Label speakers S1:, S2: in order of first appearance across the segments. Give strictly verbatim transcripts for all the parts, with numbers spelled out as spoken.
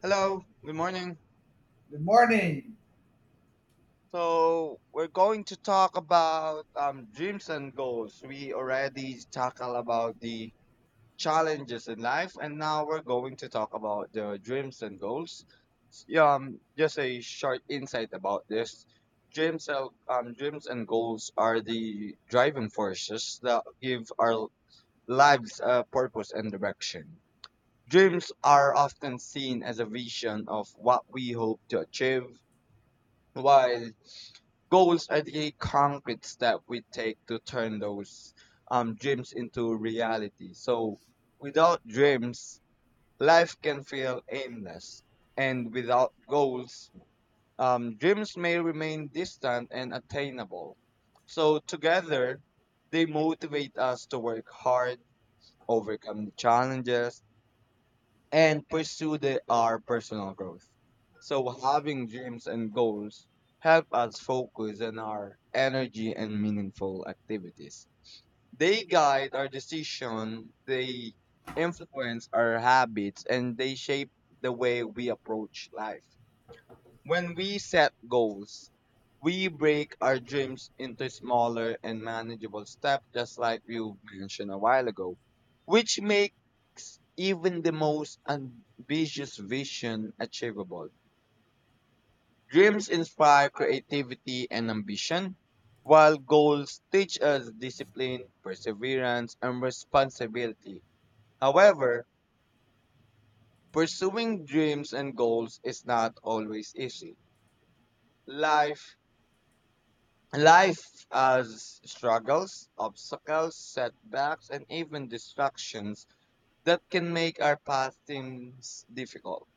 S1: Hello, good morning.
S2: Good morning.
S1: So we're going to talk about um, dreams and goals. We already tackled about the challenges in life, and now we're going to talk about the dreams and goals. S- yeah, Um, just a short insight about this. Dreams, and- um, dreams and goals are the driving forces that give our lives a purpose and direction. Dreams are often seen as a vision of what we hope to achieve, while goals are the concrete step we take to turn those um, dreams into reality. So without dreams, life can feel aimless. And without goals, um, dreams may remain distant and attainable. So together, they motivate us to work hard, overcome the challenges, and pursue the, our personal growth. So having dreams and goals help us focus on our energy and meaningful activities. They guide our decision, they influence our habits, and they shape the way we approach life. When we set goals, we break our dreams into smaller and manageable steps, just like you mentioned a while ago, which makes even the most ambitious vision achievable. Dreams inspire creativity and ambition, while goals teach us discipline, perseverance, and responsibility. However, pursuing dreams and goals is not always easy. Life Life has struggles, obstacles, setbacks, and even distractions that can make our path seems difficult.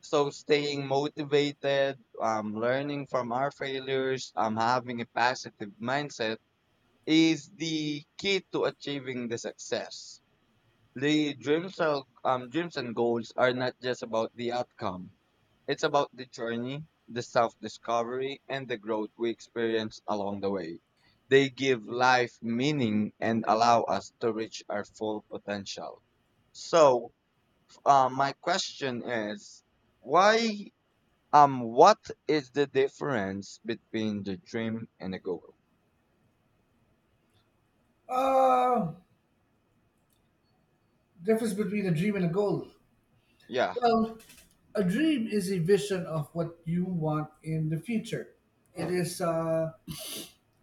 S1: So staying motivated, um, learning from our failures, um, having a positive mindset is the key to achieving the success. The dreams of um, dreams and goals are not just about the outcome. It's about the journey, the self-discovery, and the growth we experience along the way. They give life meaning and allow us to reach our full potential. So, uh, my question is, why um what is the difference between the dream and a goal?
S2: Uh, Difference between a dream and a goal.
S1: Yeah.
S2: Well, a dream is a vision of what you want in the future. It is uh,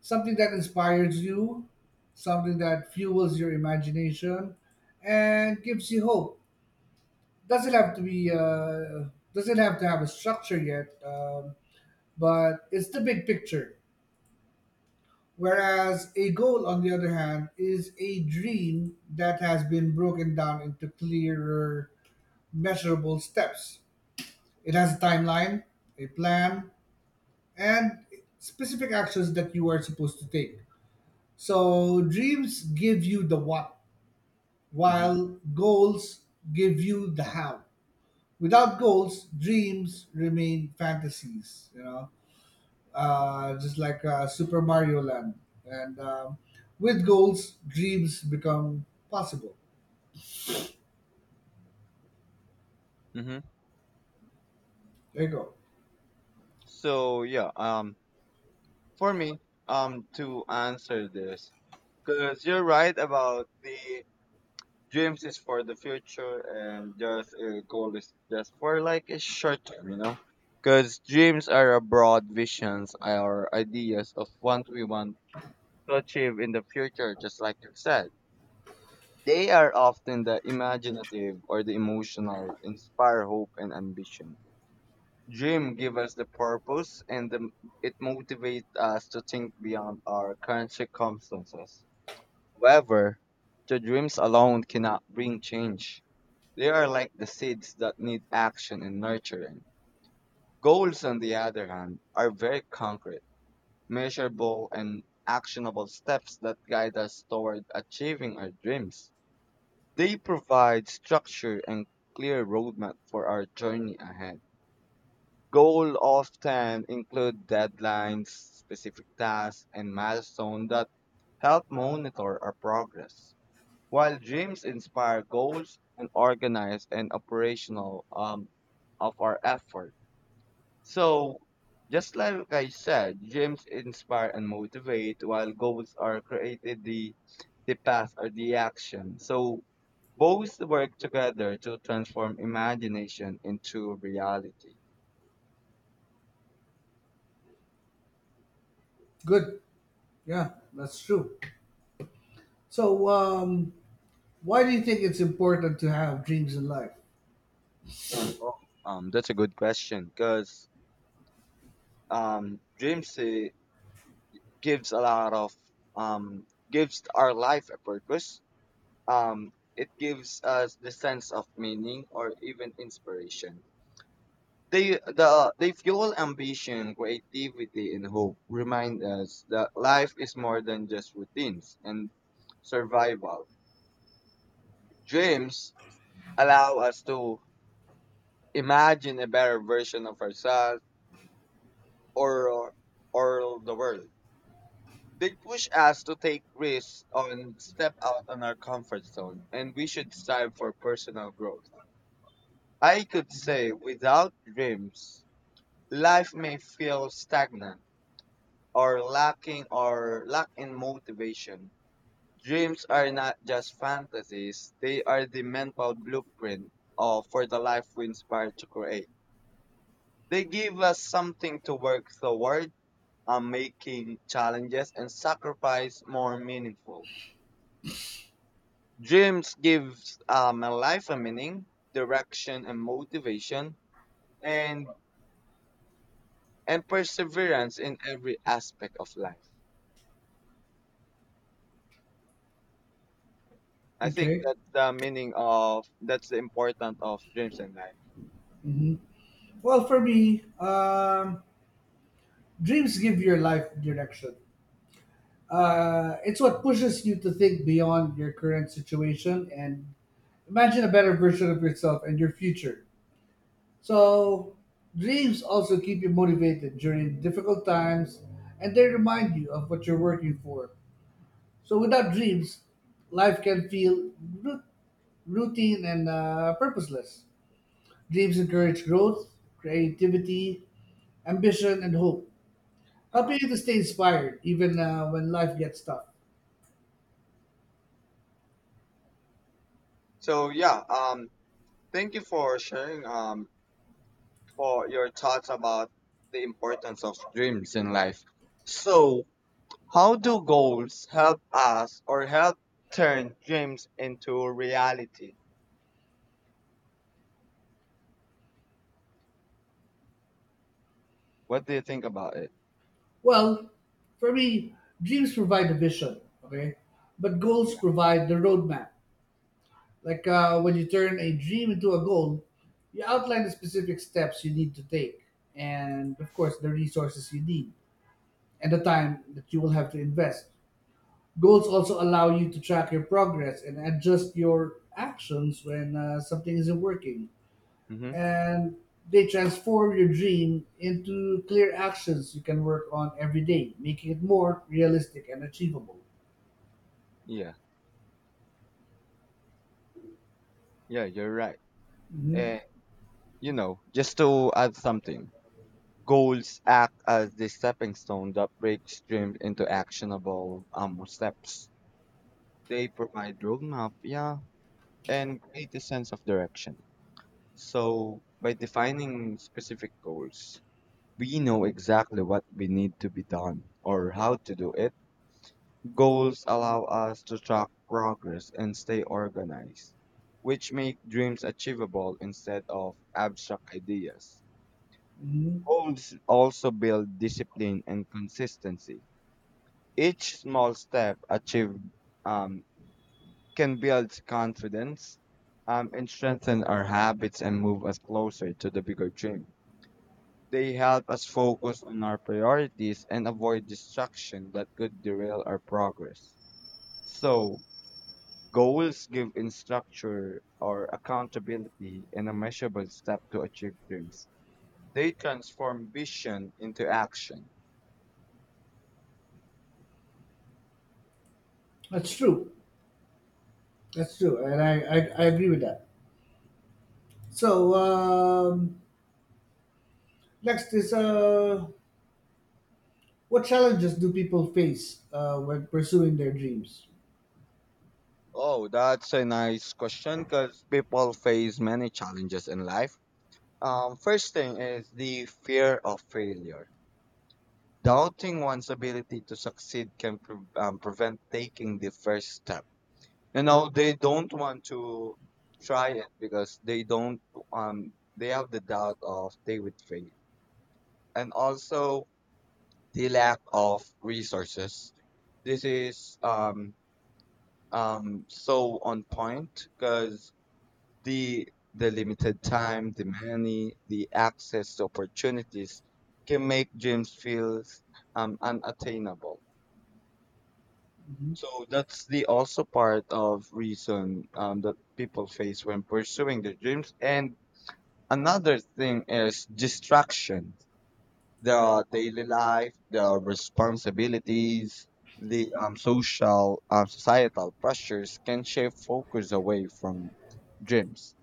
S2: something that inspires you, something that fuels your imagination, and gives you hope. Doesn't have to be uh, doesn't have to have a structure yet, um, but it's the big picture. Whereas a goal, on the other hand, is a dream that has been broken down into clearer, measurable steps. It has a timeline, a plan, and specific actions that you are supposed to take. So dreams give you the what,
S1: Mhm.
S2: while goals give you the how. Without goals, dreams remain fantasies, you know. Uh, just like uh, Super Mario Land. And um, with goals, dreams become possible.
S1: Mhm.
S2: There you go.
S1: So, yeah, um for me, um to answer this, because you're right about the dreams is for the future and just a goal is just for like a short term you know Because dreams are a broad visions or ideas of what we want to achieve in the future, just like you said, they are often the imaginative or the emotional inspire hope and ambition. Dream give us the purpose, and the, it motivates us to think beyond our current circumstances. However, the dreams alone cannot bring change. They are like the seeds that need action and nurturing. Goals, on the other hand, are very concrete, measurable, and actionable steps that guide us toward achieving our dreams. They provide structure and clear roadmap for our journey ahead. Goals often include deadlines, specific tasks, and milestones that help monitor our progress. While dreams inspire goals and organize and operational um, of our effort. So, just like I said, dreams inspire and motivate, while goals are created the the path or the action. So both work together to transform imagination into reality.
S2: Good. Yeah, that's true. So, um, why do you think it's important to have dreams in life?
S1: Oh, um, that's a good question because um, dreams uh, gives a lot of um, gives our life a purpose. Um, it gives us the sense of meaning or even inspiration. They the they fuel ambition, creativity, and hope. Remind us that life is more than just routines and survival. Dreams allow us to imagine a better version of ourselves or or the world. They push us to take risks and step out on our comfort zone, and we should strive for personal growth. I could say without dreams, life may feel stagnant or lacking or lack in motivation. Dreams are not just fantasies, they are the mental blueprint of, for the life we inspire to create. They give us something to work toward, uh, making challenges and sacrifice more meaningful. Dreams gives uh, my life a meaning, direction, and motivation, and and perseverance in every aspect of life. I think
S2: Okay.
S1: that's the meaning of that's the importance of dreams in life.
S2: Well, for me, um, dreams give your life direction. Uh, it's what pushes you to think beyond your current situation and imagine a better version of yourself and your future. So, dreams also keep you motivated during difficult times and they remind you of what you're working for. So, without dreams, life can feel ru- routine and uh, purposeless. Dreams encourage growth, creativity, ambition, and hope, helping
S1: Uh-huh.
S2: you to stay inspired even uh, when life gets tough.
S1: So yeah, um, thank you for sharing um for your thoughts about the importance of dreams in life. So how do goals help us or help turn dreams into reality? What do you think about it?
S2: Well, for me, dreams provide a vision, okay? But goals
S1: Yeah.
S2: provide the roadmap. Like uh, when you turn a dream into a goal, you outline the specific steps you need to take, and of course, the resources you need, and the time that you will have to invest. Goals also allow you to track your progress and adjust your actions when uh, something isn't working.
S1: Mm-hmm.
S2: And they transform your dream into clear actions you can work on every day, making it more realistic and achievable.
S1: Yeah, yeah, you're right.
S2: hmm
S1: And you know, just to add something, goals act as the stepping stone that breaks dreams into actionable um steps. They provide roadmap, yeah, and create a sense of direction. So by defining specific goals, we know exactly what we need to be done or how to do it. Goals allow us to track progress and stay organized, which make dreams achievable instead of abstract ideas.
S2: hmm
S1: Goals also build discipline and consistency. Each small step achieved, um, can build confidence, um, and strengthen our habits and move us closer to the bigger dream. They help us focus on our priorities and avoid distraction that could derail our progress. So, goals give in structure, or accountability and a measurable step to achieve dreams. They transform vision into action.
S2: That's true. That's true. And I, I, I agree with that. So um, next is uh, what challenges do people face uh, when pursuing their dreams?
S1: Oh, that's a nice question because people face many challenges in life. Um, first thing is the fear of failure. Doubting one's ability to succeed can pre- um, prevent taking the first step. You know, they don't want to try it because they don't, um, they have the doubt of they would fail. And also the lack of resources. This is um, um, so on point because the the limited time, the money, the access to opportunities can make gyms feel um, unattainable.
S2: hmm
S1: So that's the also part of reason um, that people face when pursuing their dreams. And another thing is distraction, their daily life, their responsibilities, the um, social, um, societal pressures can shift focus away from dreams.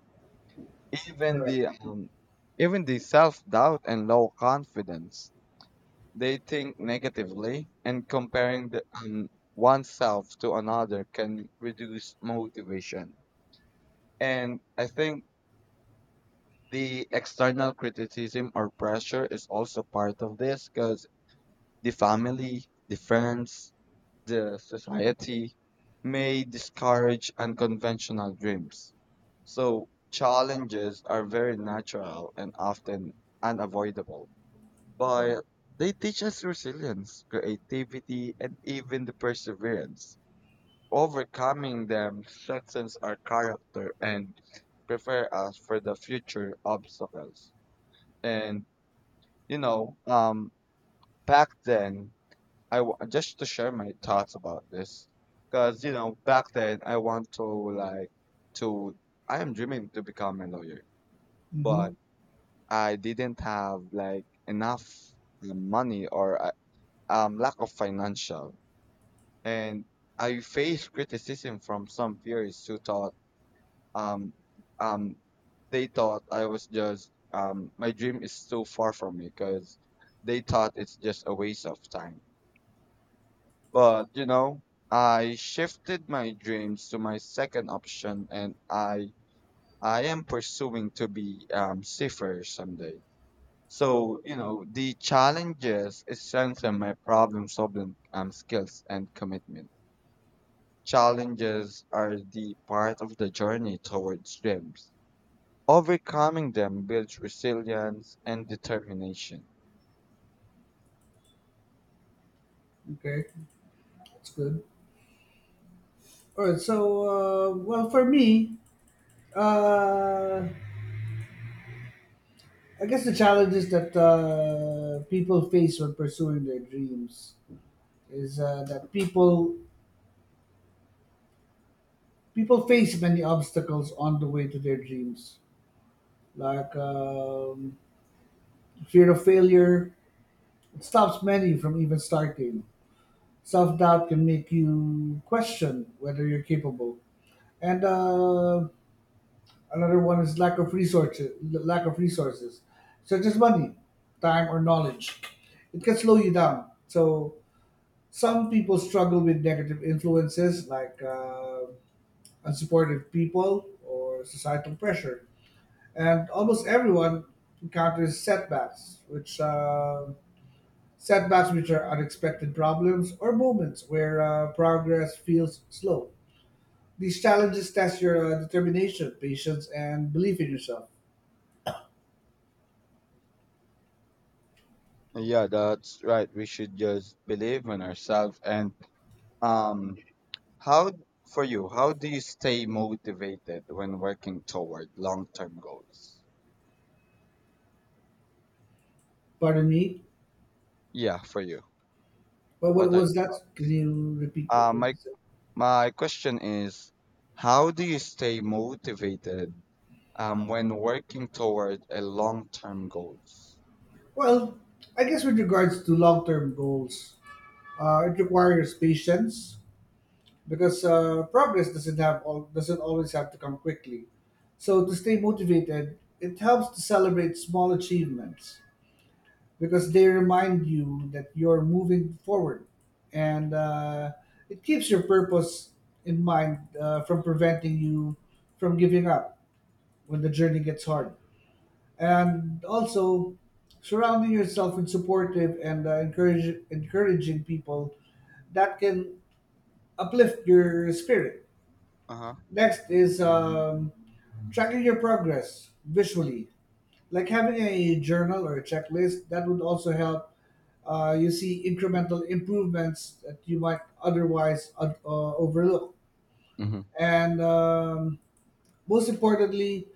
S1: Even
S2: Correct.
S1: the um, even the self doubt and low confidence, they think negatively, and comparing the, um, oneself to another can reduce motivation. And I think the external criticism or pressure is also part of this because the family, the friends, the society may discourage unconventional dreams. So, challenges are very natural and often unavoidable, but they teach us resilience, creativity, and even the perseverance. Overcoming them strengthens our character and prepare us for the future obstacles. And you know, um, back then, I w- just to share my thoughts about this, because you know back then I want to like to I am dreaming to become a lawyer,
S2: hmm
S1: but I didn't have like enough uh, money or uh, um lack of financial, and I faced criticism from some peers who thought um um they thought I was just um my dream is too far from me because they thought it's just a waste of time. But, you know, I shifted my dreams to my second option, and I I am pursuing to be um seafarer someday. So, you know, the challenges strengthen my problem solving um skills and commitment. Challenges are the part of the journey towards dreams. Overcoming them builds resilience and determination.
S2: Okay, that's good. All right. So uh, well, for me, uh, I guess the challenges that uh, people face when pursuing their dreams is uh, that people people face many obstacles on the way to their dreams, like um, fear of failure. It stops many from even starting. Self doubt can make you question whether you're capable. And uh, another one is lack of resources. Lack of resources, such as money, time, or knowledge, it can slow you down. So some people struggle with negative influences like uh, unsupportive people or societal pressure, and almost everyone encounters setbacks, which uh, setbacks which are unexpected problems or moments where uh, progress feels slow. These challenges test your uh, determination, patience, and belief in yourself.
S1: Yeah, that's right. We should just believe in ourselves and um How for you, how do you stay motivated when working toward long-term goals?
S2: Pardon me,
S1: Yeah, for you.
S2: but what
S1: What are
S2: was that? Can you repeat
S1: uh,
S2: what you
S1: my
S2: said?
S1: my question is, how do you stay motivated um when working toward a long-term goals?
S2: Well, I guess with regards to long-term goals, uh, it requires patience because uh, progress doesn't have all, doesn't always have to come quickly. So to stay motivated, it helps to celebrate small achievements because they remind you that you're moving forward and uh, it keeps your purpose in mind, uh, from preventing you from giving up when the journey gets hard, and also surrounding yourself with supportive and uh, encourage, encouraging people that can uplift your spirit.
S1: Uh-huh.
S2: Next is um, tracking your progress visually, like having a journal or a checklist that would also help uh, you see incremental improvements that you might otherwise uh, uh, overlook.
S1: Mm-hmm.
S2: And um, most importantly,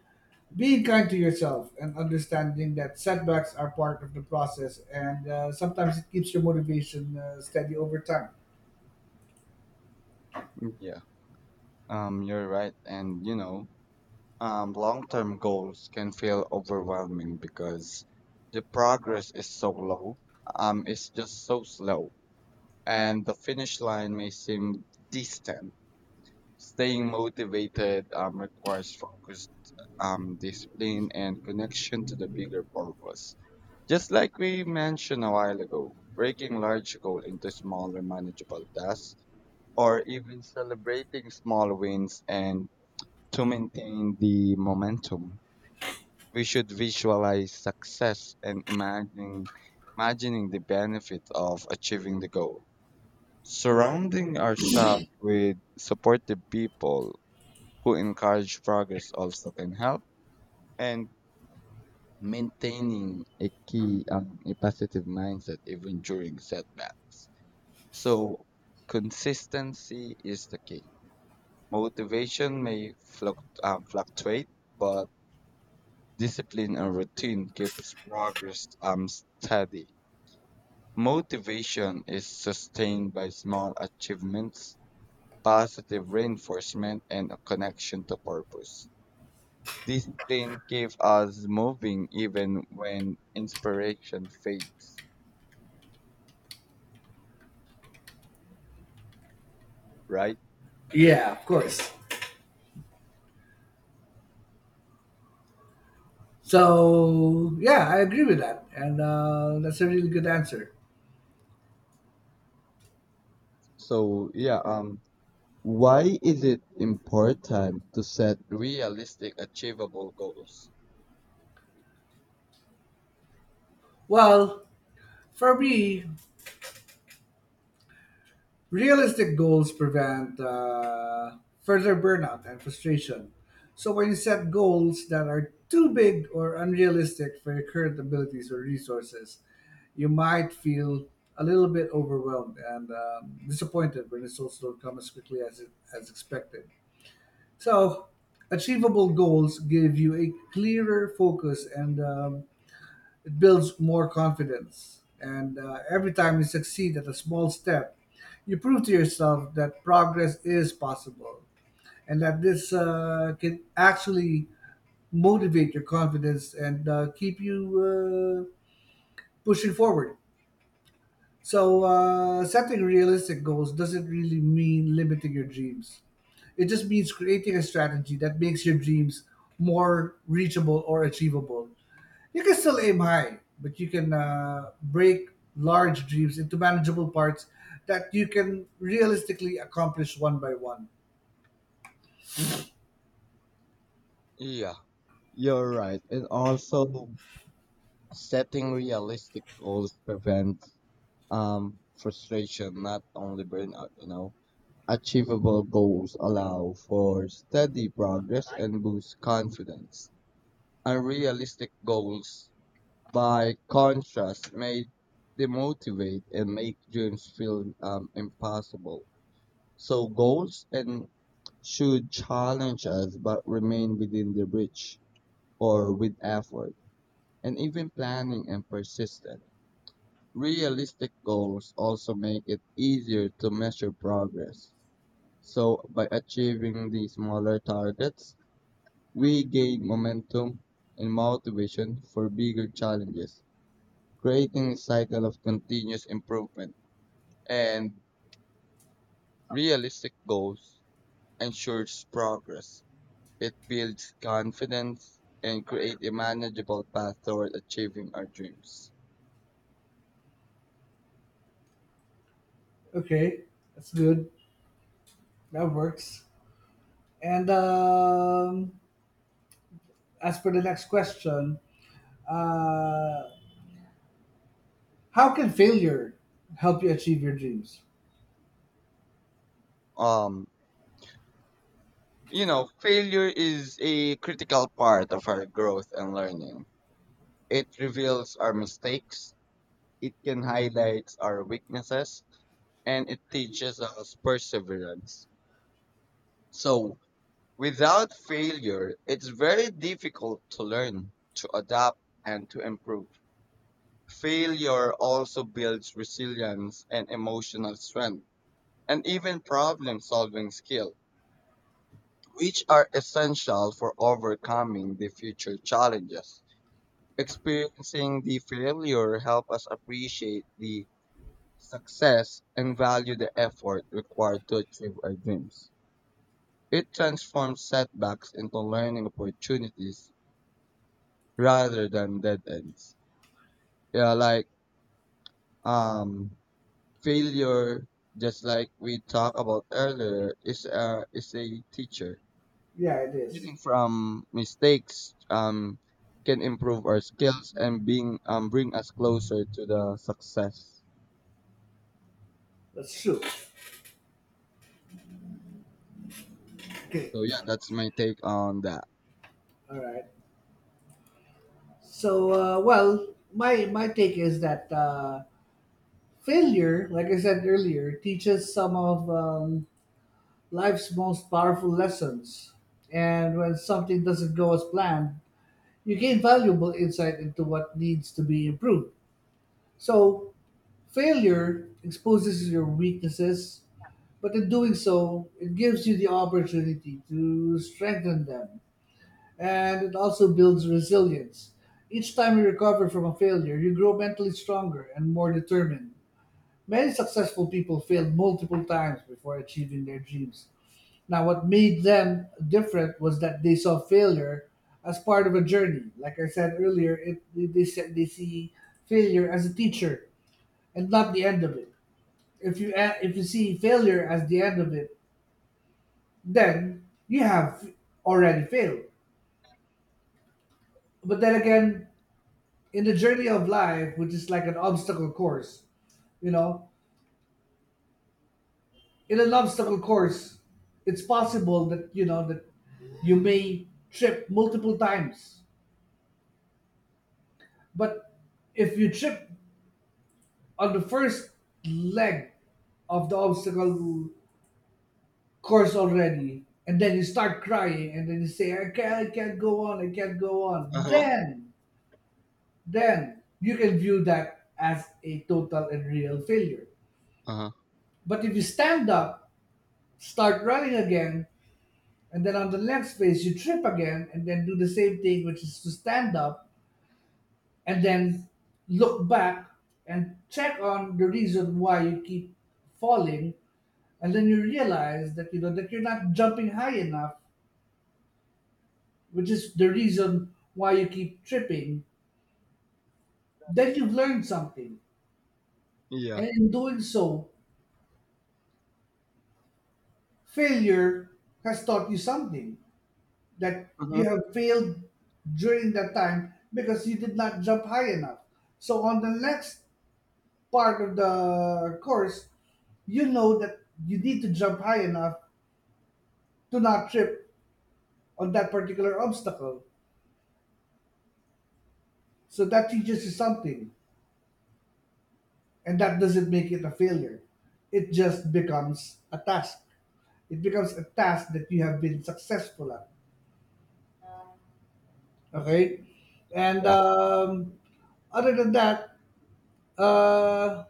S2: being kind to yourself and understanding that setbacks are part of the process, and uh, sometimes it keeps your motivation uh, steady over time.
S1: Yeah. Um, you're right, and you know, um, long-term goals can feel overwhelming because the progress is so low. Um, it's just so slow. And the finish line may seem distant. Staying motivated um, requires focused, um, discipline and connection to the bigger purpose. Just like we mentioned a while ago, breaking large goals into smaller manageable tasks or even celebrating small wins and to maintain the momentum. We should visualize success and imagining imagining the benefit of achieving the goal. Surrounding ourselves with supportive people who encourage progress also can help, and maintaining a key um, a positive mindset even during setbacks. So consistency is the key. Motivation may fluct- um, fluctuate, but discipline and routine keeps progress, um, steady. Motivation is sustained by small achievements, positive reinforcement, and a connection to purpose. Discipline keeps us moving even when inspiration fades, right?
S2: Yeah, of course. So yeah, I agree with that, and uh, that's a really good answer.
S1: So, yeah, um, why is it important to set realistic, achievable goals?
S2: Well, for me, realistic goals prevent uh, further burnout and frustration. So, when you set goals that are too big or unrealistic for your current abilities or resources, you might feel a little bit overwhelmed and um, disappointed when results don't come as quickly as, it, as expected. So, achievable goals give you a clearer focus and um, it builds more confidence. And uh, every time you succeed at a small step, you prove to yourself that progress is possible and that this uh, can actually motivate your confidence and uh, keep you uh, pushing forward. So, uh, setting realistic goals doesn't really mean limiting your dreams. It just means creating a strategy that makes your dreams more reachable or achievable. You can still aim high, but you can uh, break large dreams into manageable parts that you can realistically accomplish one by one.
S1: Yeah, you're right. And also, setting realistic goals prevents, um, frustration, not only burnout, you know? Achievable goals allow for steady progress and boost confidence. Unrealistic goals, by contrast, may demotivate and make dreams feel um, impossible. So goals and should challenge us but remain within the reach or with effort and even planning and persistence. Realistic goals also make it easier to measure progress. So, by achieving these smaller targets, we gain momentum and motivation for bigger challenges, creating a cycle of continuous improvement. And realistic goals ensures progress. It builds confidence and create a manageable path toward achieving our dreams.
S2: Okay, that's good. That works. And um, as for the next question, uh, how can failure help you achieve your dreams?
S1: Um, you know, failure is a critical part of our growth and learning. It reveals our mistakes. It can highlight our weaknesses and it teaches us perseverance. So, without failure, it's very difficult to learn, to adapt, and to improve. Failure also builds resilience and emotional strength, and even problem solving skill, which are essential for overcoming the future challenges. Experiencing the failure help us appreciate the success and value the effort required to achieve our dreams. It transforms setbacks into learning opportunities rather than dead ends. Yeah, like um, failure, just like we talked about earlier, is a is a teacher.
S2: Yeah, it is.
S1: Learning from mistakes um can improve our skills and being um bring us closer to the success.
S2: That's true. Okay.
S1: So yeah, that's my take on that.
S2: All right. So, uh, well, my my take is that uh, failure, like I said earlier, teaches some of um, life's most powerful lessons. And when something doesn't go as planned, you gain valuable insight into what needs to be improved. So, failure exposes your weaknesses, but in doing so, it gives you the opportunity to strengthen them. And it also builds resilience. Each time you recover from a failure, you grow mentally stronger and more determined. Many successful people failed multiple times before achieving their dreams. Now, what made them different was that they saw failure as part of a journey. Like I said earlier, it, they, said they see failure as a teacher and not the end of it. If you a- if you see failure as the end of it, then you have already failed. But then again, in the journey of life, which is like an obstacle course, you know, in an obstacle course, it's possible that you know that you may trip multiple times. But if you trip on the first leg of the obstacle course already, and then you start crying, and then you say, "I can't, I can't go on, I can't go
S1: Uh
S2: on,"
S1: huh.
S2: then, then you can view that as a total and real failure.
S1: Uh huh.
S2: But if you stand up, start running again, and then on the next phase you trip again and then do the same thing, which is to stand up and then look back and check on the reason why you keep falling, and then you realize that you know that you're not jumping high enough, which is the reason why you keep tripping, then you've learned something.
S1: Yeah.
S2: And in doing so, failure has taught you something, that
S1: Mm-hmm.
S2: you have failed during that time because you did not jump high enough. So on the next part of the course, you know that you need to jump high enough to not trip on that particular obstacle. So that teaches you something, and that doesn't make it a failure. It just becomes a task. It becomes a task that you have been successful at. Okay, and um, other than that, uh,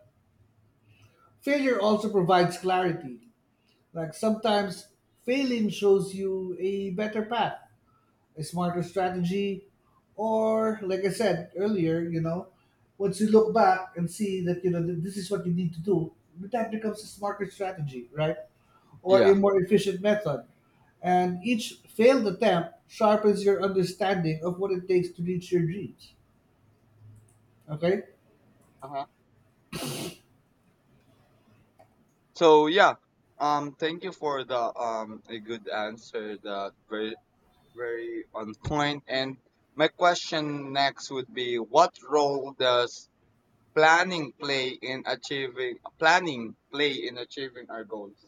S2: failure also provides clarity. Like sometimes failing shows you a better path, a smarter strategy, or like I said earlier, you know, once you look back and see that you know that this is what you need to do, that becomes a smarter strategy, right? Or a
S1: Yeah.
S2: more efficient method. And each failed attempt sharpens your understanding of what it takes to reach your dreams. Okay?
S1: Uh-huh. So yeah, um, thank you for the um a good answer. That very very on point. And my question next would be, what role does planning play in achieving planning play in achieving our goals?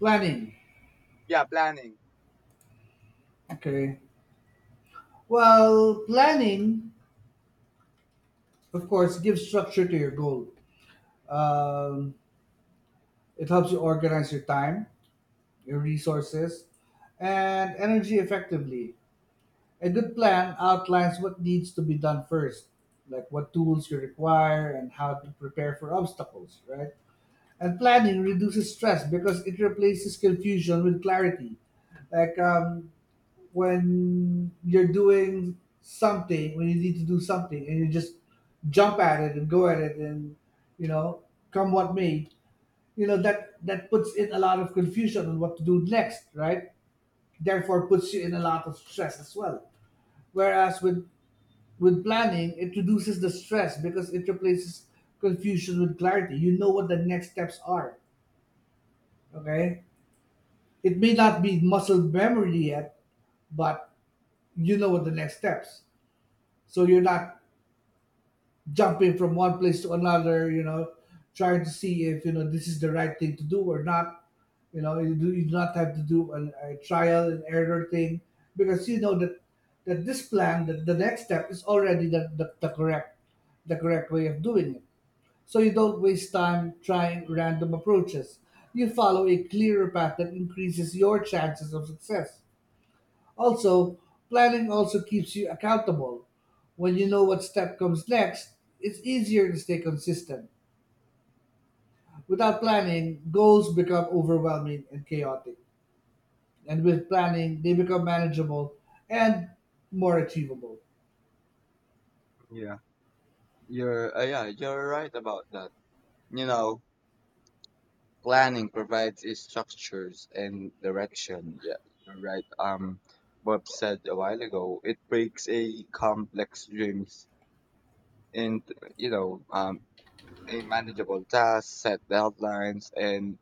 S2: Planning.
S1: Yeah, planning.
S2: Okay. Well, planning, of course, gives structure to your goal. Um, it helps you organize your time, resources, and energy effectively. A good plan outlines what needs to be done first, like what tools you require and how to prepare for obstacles, right? And planning reduces stress because it replaces confusion with clarity. Like um, when you're doing something, when you need to do something, and you just jump at it and go at it, and you know, come what may, you know that that puts in a lot of confusion on what to do next, right? Therefore puts you in a lot of stress as well. Whereas with with planning, it reduces the stress because it replaces confusion with clarity. You know what the next steps are. Okay, it may not be muscle memory yet, but you know what the next steps. So you're not jumping from one place to another, you know, trying to see if you know this is the right thing to do or not. You know, you do, you do not have to do an, a trial and error thing because you know that that this plan, that the next step is already the, the, the correct, the correct way of doing it. So you don't waste time trying random approaches. You follow a clearer path that increases your chances of success. Also, planning also keeps you accountable. When you know what step comes next, it's easier to stay consistent. Without planning, goals become overwhelming and chaotic. And with planning, they become manageable and more achievable.
S1: Yeah, you're uh, yeah you're right about that. You know, planning provides is structures and direction. Yeah, you're right. Um, Bob said a while ago, it breaks a complex dreams into you know um a manageable task, set deadlines, and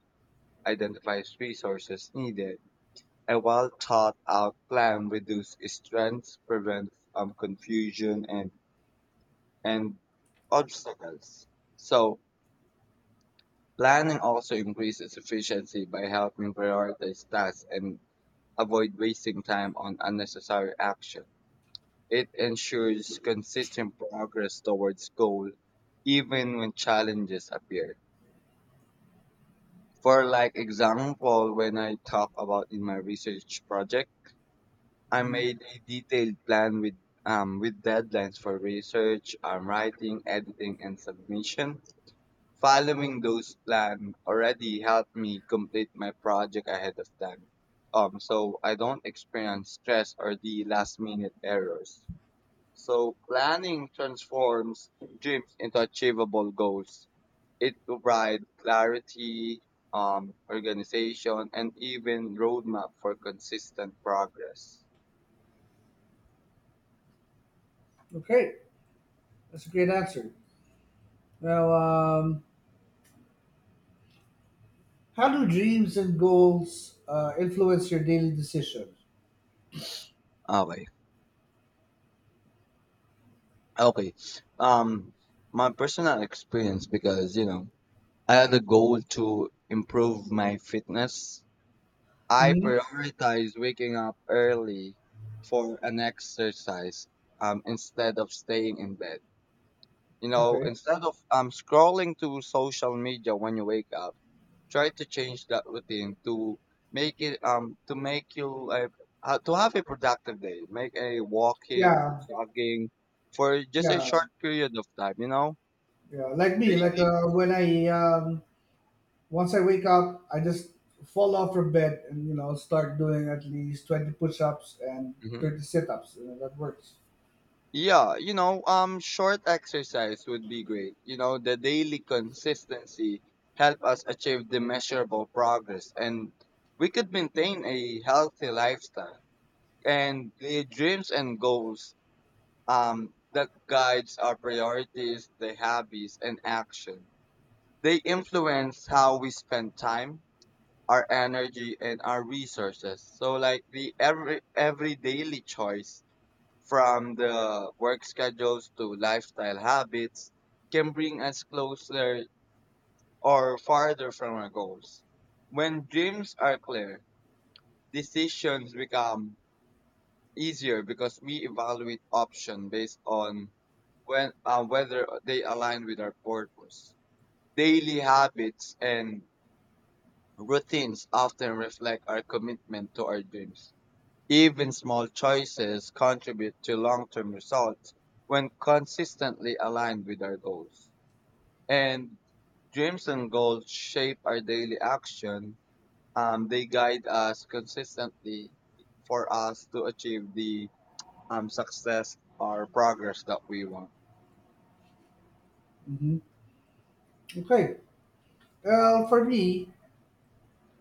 S1: identifies resources needed. A well thought out plan reduces strengths, prevents um confusion and and obstacles. So planning also increases efficiency by helping prioritize tasks and avoid wasting time on unnecessary action. It ensures consistent progress towards goal even when challenges appear. For like example, when I talk about in my research project, I made a detailed plan with um, with deadlines for research, um, writing, editing, and submission. Following those plans already helped me complete my project ahead of time. Um, so I don't experience stress or the last minute errors. So planning transforms dreams into achievable goals. It provides clarity, um, organization, and even roadmap for consistent progress.
S2: Okay, that's a great answer. Now, um, how do dreams and goals uh, influence your daily decisions?
S1: Okay. Okay. Um, my personal experience because you know I had a goal to improve my fitness. I
S2: Hmm.
S1: prioritize waking up early for an exercise, um, instead of staying in bed. You know,
S2: Okay.
S1: instead of um, scrolling to social media when you wake up, try to change that routine to make it um to make you uh, uh, to have a productive day. Make a walking or
S2: Yeah,
S1: jogging for just a
S2: yeah,
S1: short period of time. You know,
S2: yeah. Like me, like
S1: daily.
S2: uh, when I um, once I wake up, I just fall off from bed and you know start doing at least twenty push-ups and thirty sit-ups. You know, that works.
S1: Yeah, you know, um, short exercise would be great. You know, the daily consistency help us achieve the measurable progress, and we could maintain a healthy lifestyle and the dreams and goals, um, that guides our priorities, the habits, and action. They influence how we spend time, our energy, and our resources. So, like the every every daily choice from the work schedules to lifestyle habits can bring us closer or farther from our goals. When dreams are clear, decisions become easier because we evaluate options based on when uh, whether they align with our purpose. Daily habits and routines often reflect our commitment to our dreams. Even small choices contribute to long term results when consistently aligned with our goals. And dreams and goals shape our daily action. Um, they guide us consistently for us to achieve the um, success or progress that we want.
S2: Hmm. Okay. Well, for me,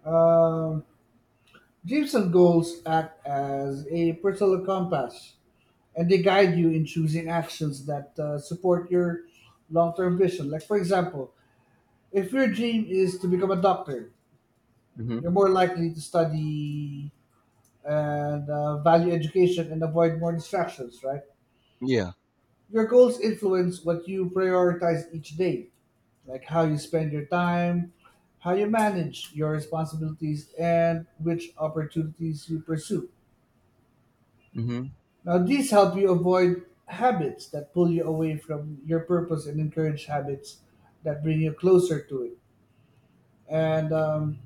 S2: um dreams and goals act as a personal compass, and they guide you in choosing actions that uh, support your long-term vision. Like for example, if your dream is to become a doctor, you're
S1: Hmm.
S2: more likely to study and uh, value education and avoid more distractions, right?
S1: Yeah.
S2: Your goals influence what you prioritize each day, like how you spend your time, how you manage your responsibilities, and which opportunities you pursue.
S1: Hmm.
S2: Now, these help you avoid habits that pull you away from your purpose and encourage habits that bring you closer to it. And um,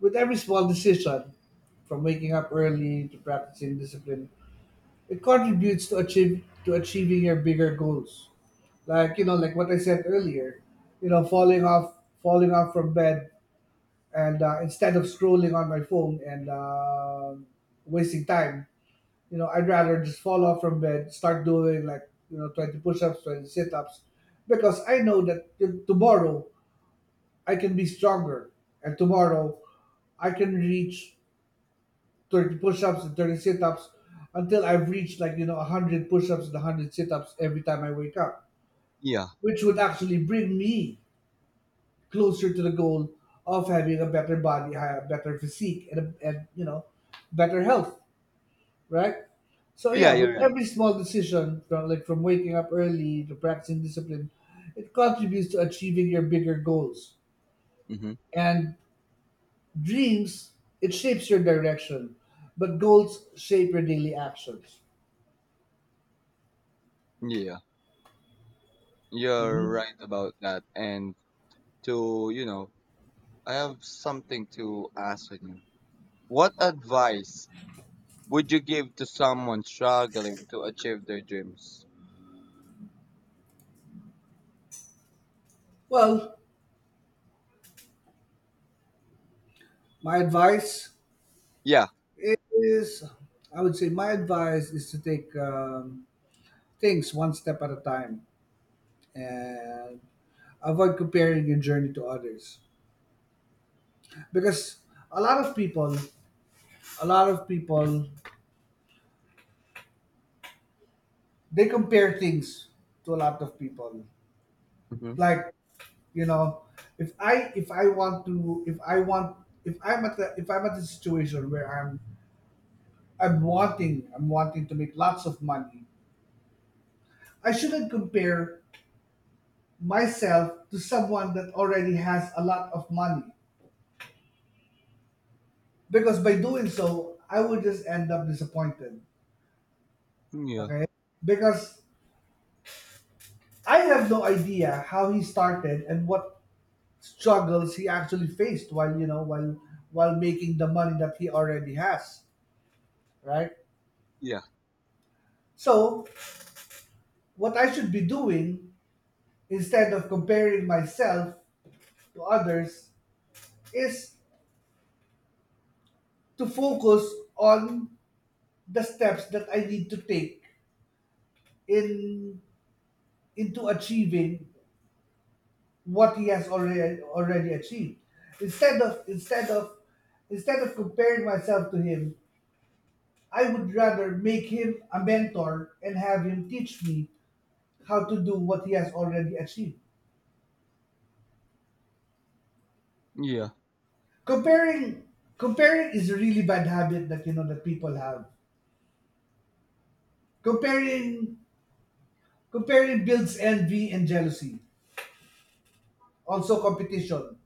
S2: with every small decision, from waking up early to practicing discipline, it contributes to achieve to achieving your bigger goals. Like you know, like what I said earlier, you know, falling off falling off from bed and uh, instead of scrolling on my phone and um wasting time, you know, I'd rather just fall off from bed, start doing, like, you know, twenty push-ups, twenty sit-ups, because I know that t- tomorrow I can be stronger, and tomorrow I can reach thirty push-ups and thirty sit-ups until I've reached, like, you know, one hundred push-ups and one hundred sit-ups every time I wake up,
S1: Yeah.
S2: which would actually bring me closer to the goal of having a better body, hi- a better physique, and, a, and you know, better health, right? So
S1: Yeah,
S2: yeah,
S1: you're
S2: with
S1: right.
S2: every small decision, from like from waking up early to practicing discipline, it contributes to achieving your bigger goals.
S1: Hmm.
S2: And dreams, it shapes your direction, but goals shape your daily actions.
S1: Yeah. You're
S2: Mhm.
S1: right about that. And to, you know, I have something to ask you. What advice would you give to someone struggling to achieve their dreams?
S2: Well, my advice
S1: Yeah.
S2: is, I would say, my advice is to take um, things one step at a time and avoid comparing your journey to others, because a lot of people a lot of people they compare things to a lot of people,
S1: Mm-hmm.
S2: like you know, if i if I want to if I want if i'm at the if i'm at the situation where i'm i'm wanting i'm wanting to make lots of money, I shouldn't compare myself to someone that already has a lot of money, because by doing so I would just end up disappointed.
S1: Yeah.
S2: Okay. Because I have no idea how he started and what struggles he actually faced while, you know, while while making the money that he already has, right?
S1: Yeah.
S2: So, what I should be doing instead of comparing myself to others is to focus on the steps that I need to take in into achieving what he has already already achieved. Instead of instead of instead of comparing myself to him, I would rather make him a mentor and have him teach me how to do what he has already achieved.
S1: Yeah.
S2: Comparing comparing is a really bad habit that, you know, that people have. Comparing comparing builds envy and jealousy. Also competition.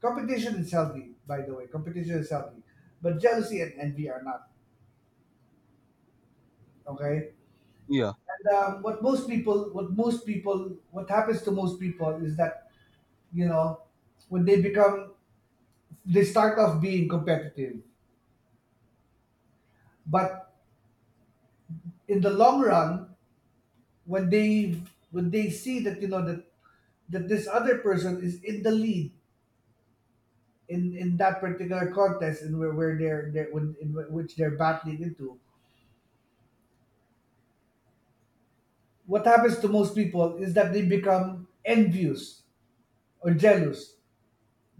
S2: Competition is healthy, by the way. Competition is healthy. But jealousy and envy are not. Okay?
S1: Yeah.
S2: And um, what most people, what most people, what happens to most people is that, you know, when they become, they start off being competitive, but in the long run, when they when they see that, you know, that that this other person is in the lead in in that particular contest and where, where they're, they're when, in which they're battling into, what happens to most people is that they become envious or jealous.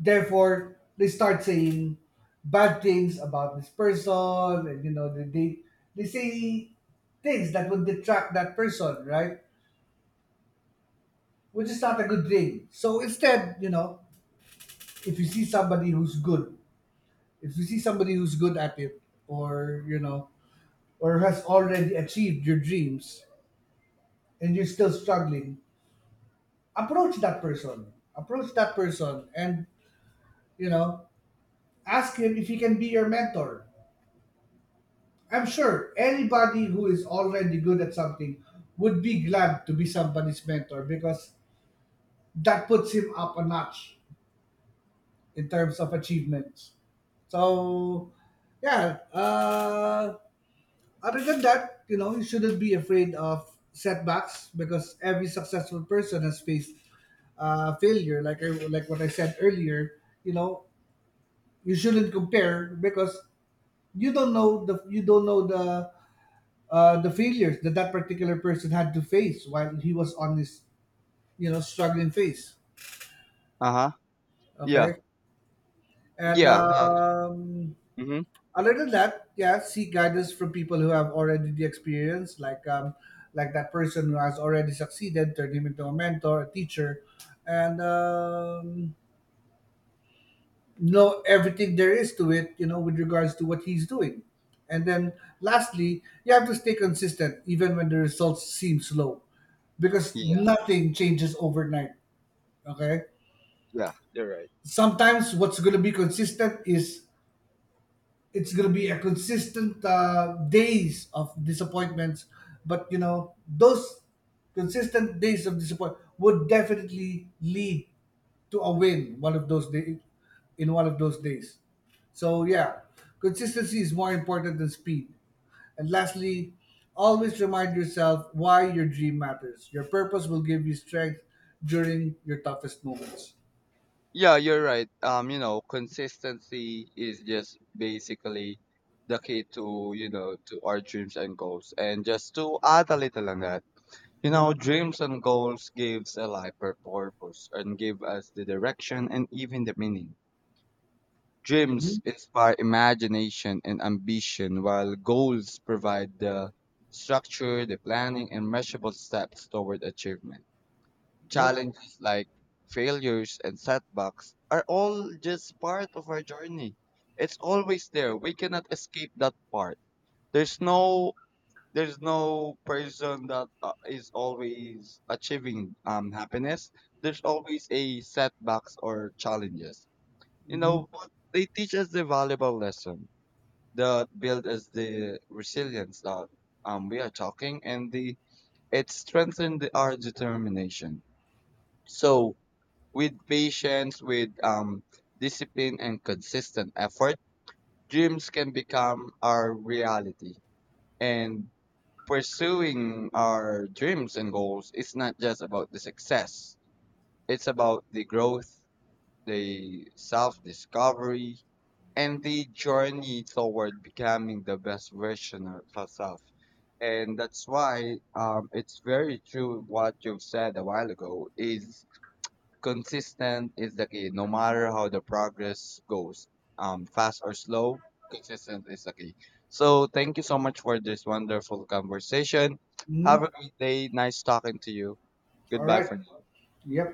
S2: Therefore, they start saying bad things about this person, and you know, they they, they say things that would detract that person, right? Which is not a good thing. So instead, you know, if you see somebody who's good, if you see somebody who's good at it, or you know, or has already achieved your dreams, and you're still struggling, approach that person. Approach that person, and you know, ask him if he can be your mentor. I'm sure anybody who is already good at something would be glad to be somebody's mentor because that puts him up a notch in terms of achievements. So, yeah. Uh, other than that, you know, you shouldn't be afraid of setbacks because every successful person has faced uh, failure. Like I, like what I said earlier, you know, you shouldn't compare because you don't know the you don't know the uh, the failures that that particular person had to face while he was on this, you know, struggling phase.
S1: Uh huh. Yeah.
S2: Okay, and
S1: Yeah. Uh,
S2: um,
S1: mm-hmm.
S2: other than that, yeah, seek guidance from people who have already the experience, like um, like that person who has already succeeded, turn him into a mentor, a teacher, and um, know everything there is to it, you know, with regards to what he's doing. And then lastly, you have to stay consistent even when the results seem slow because
S1: Yeah.
S2: nothing changes overnight. Okay.
S1: Yeah. You're right.
S2: Sometimes what's going to be consistent is it's going to be a consistent uh, days of disappointments, but you know those consistent days of disappointment would definitely lead to a win one of those day, in one of those days. So yeah, consistency is more important than speed. And lastly, always remind yourself why your dream matters. Your purpose will give you strength during your toughest moments.
S1: Yeah, you're right. Um, you know, consistency is just basically the key to you know to our dreams and goals. And just to add a little on that, you know, dreams and goals gives a life a purpose and give us the direction and even the meaning. Dreams
S2: Mhm.
S1: inspire imagination and ambition, while goals provide the structure, the planning, and measurable steps toward achievement.
S2: Yep.
S1: Challenges like failures and setbacks are all just part of our journey. It's always there. We cannot escape that part. There's no there's no person that uh, is always achieving um, happiness. There's always a setbacks or challenges, you
S2: Mhm.
S1: know, but they teach us the valuable lesson that build us the resilience that um, we are talking, and the it strengthened the- our determination. So, with patience, with um, discipline, and consistent effort, dreams can become our reality. And pursuing our dreams and goals is not just about the success; it's about the growth, the self-discovery, and the journey toward becoming the best version of herself. And that's why um, it's very true what you've said a while ago is consistent is the key. No matter how the progress goes, um, fast or slow, consistent is the key. So thank you so much for this wonderful conversation. Have
S2: Mhm.
S1: a great day. Nice talking to you.
S2: All
S1: Goodbye
S2: right.
S1: for now.
S2: Yep.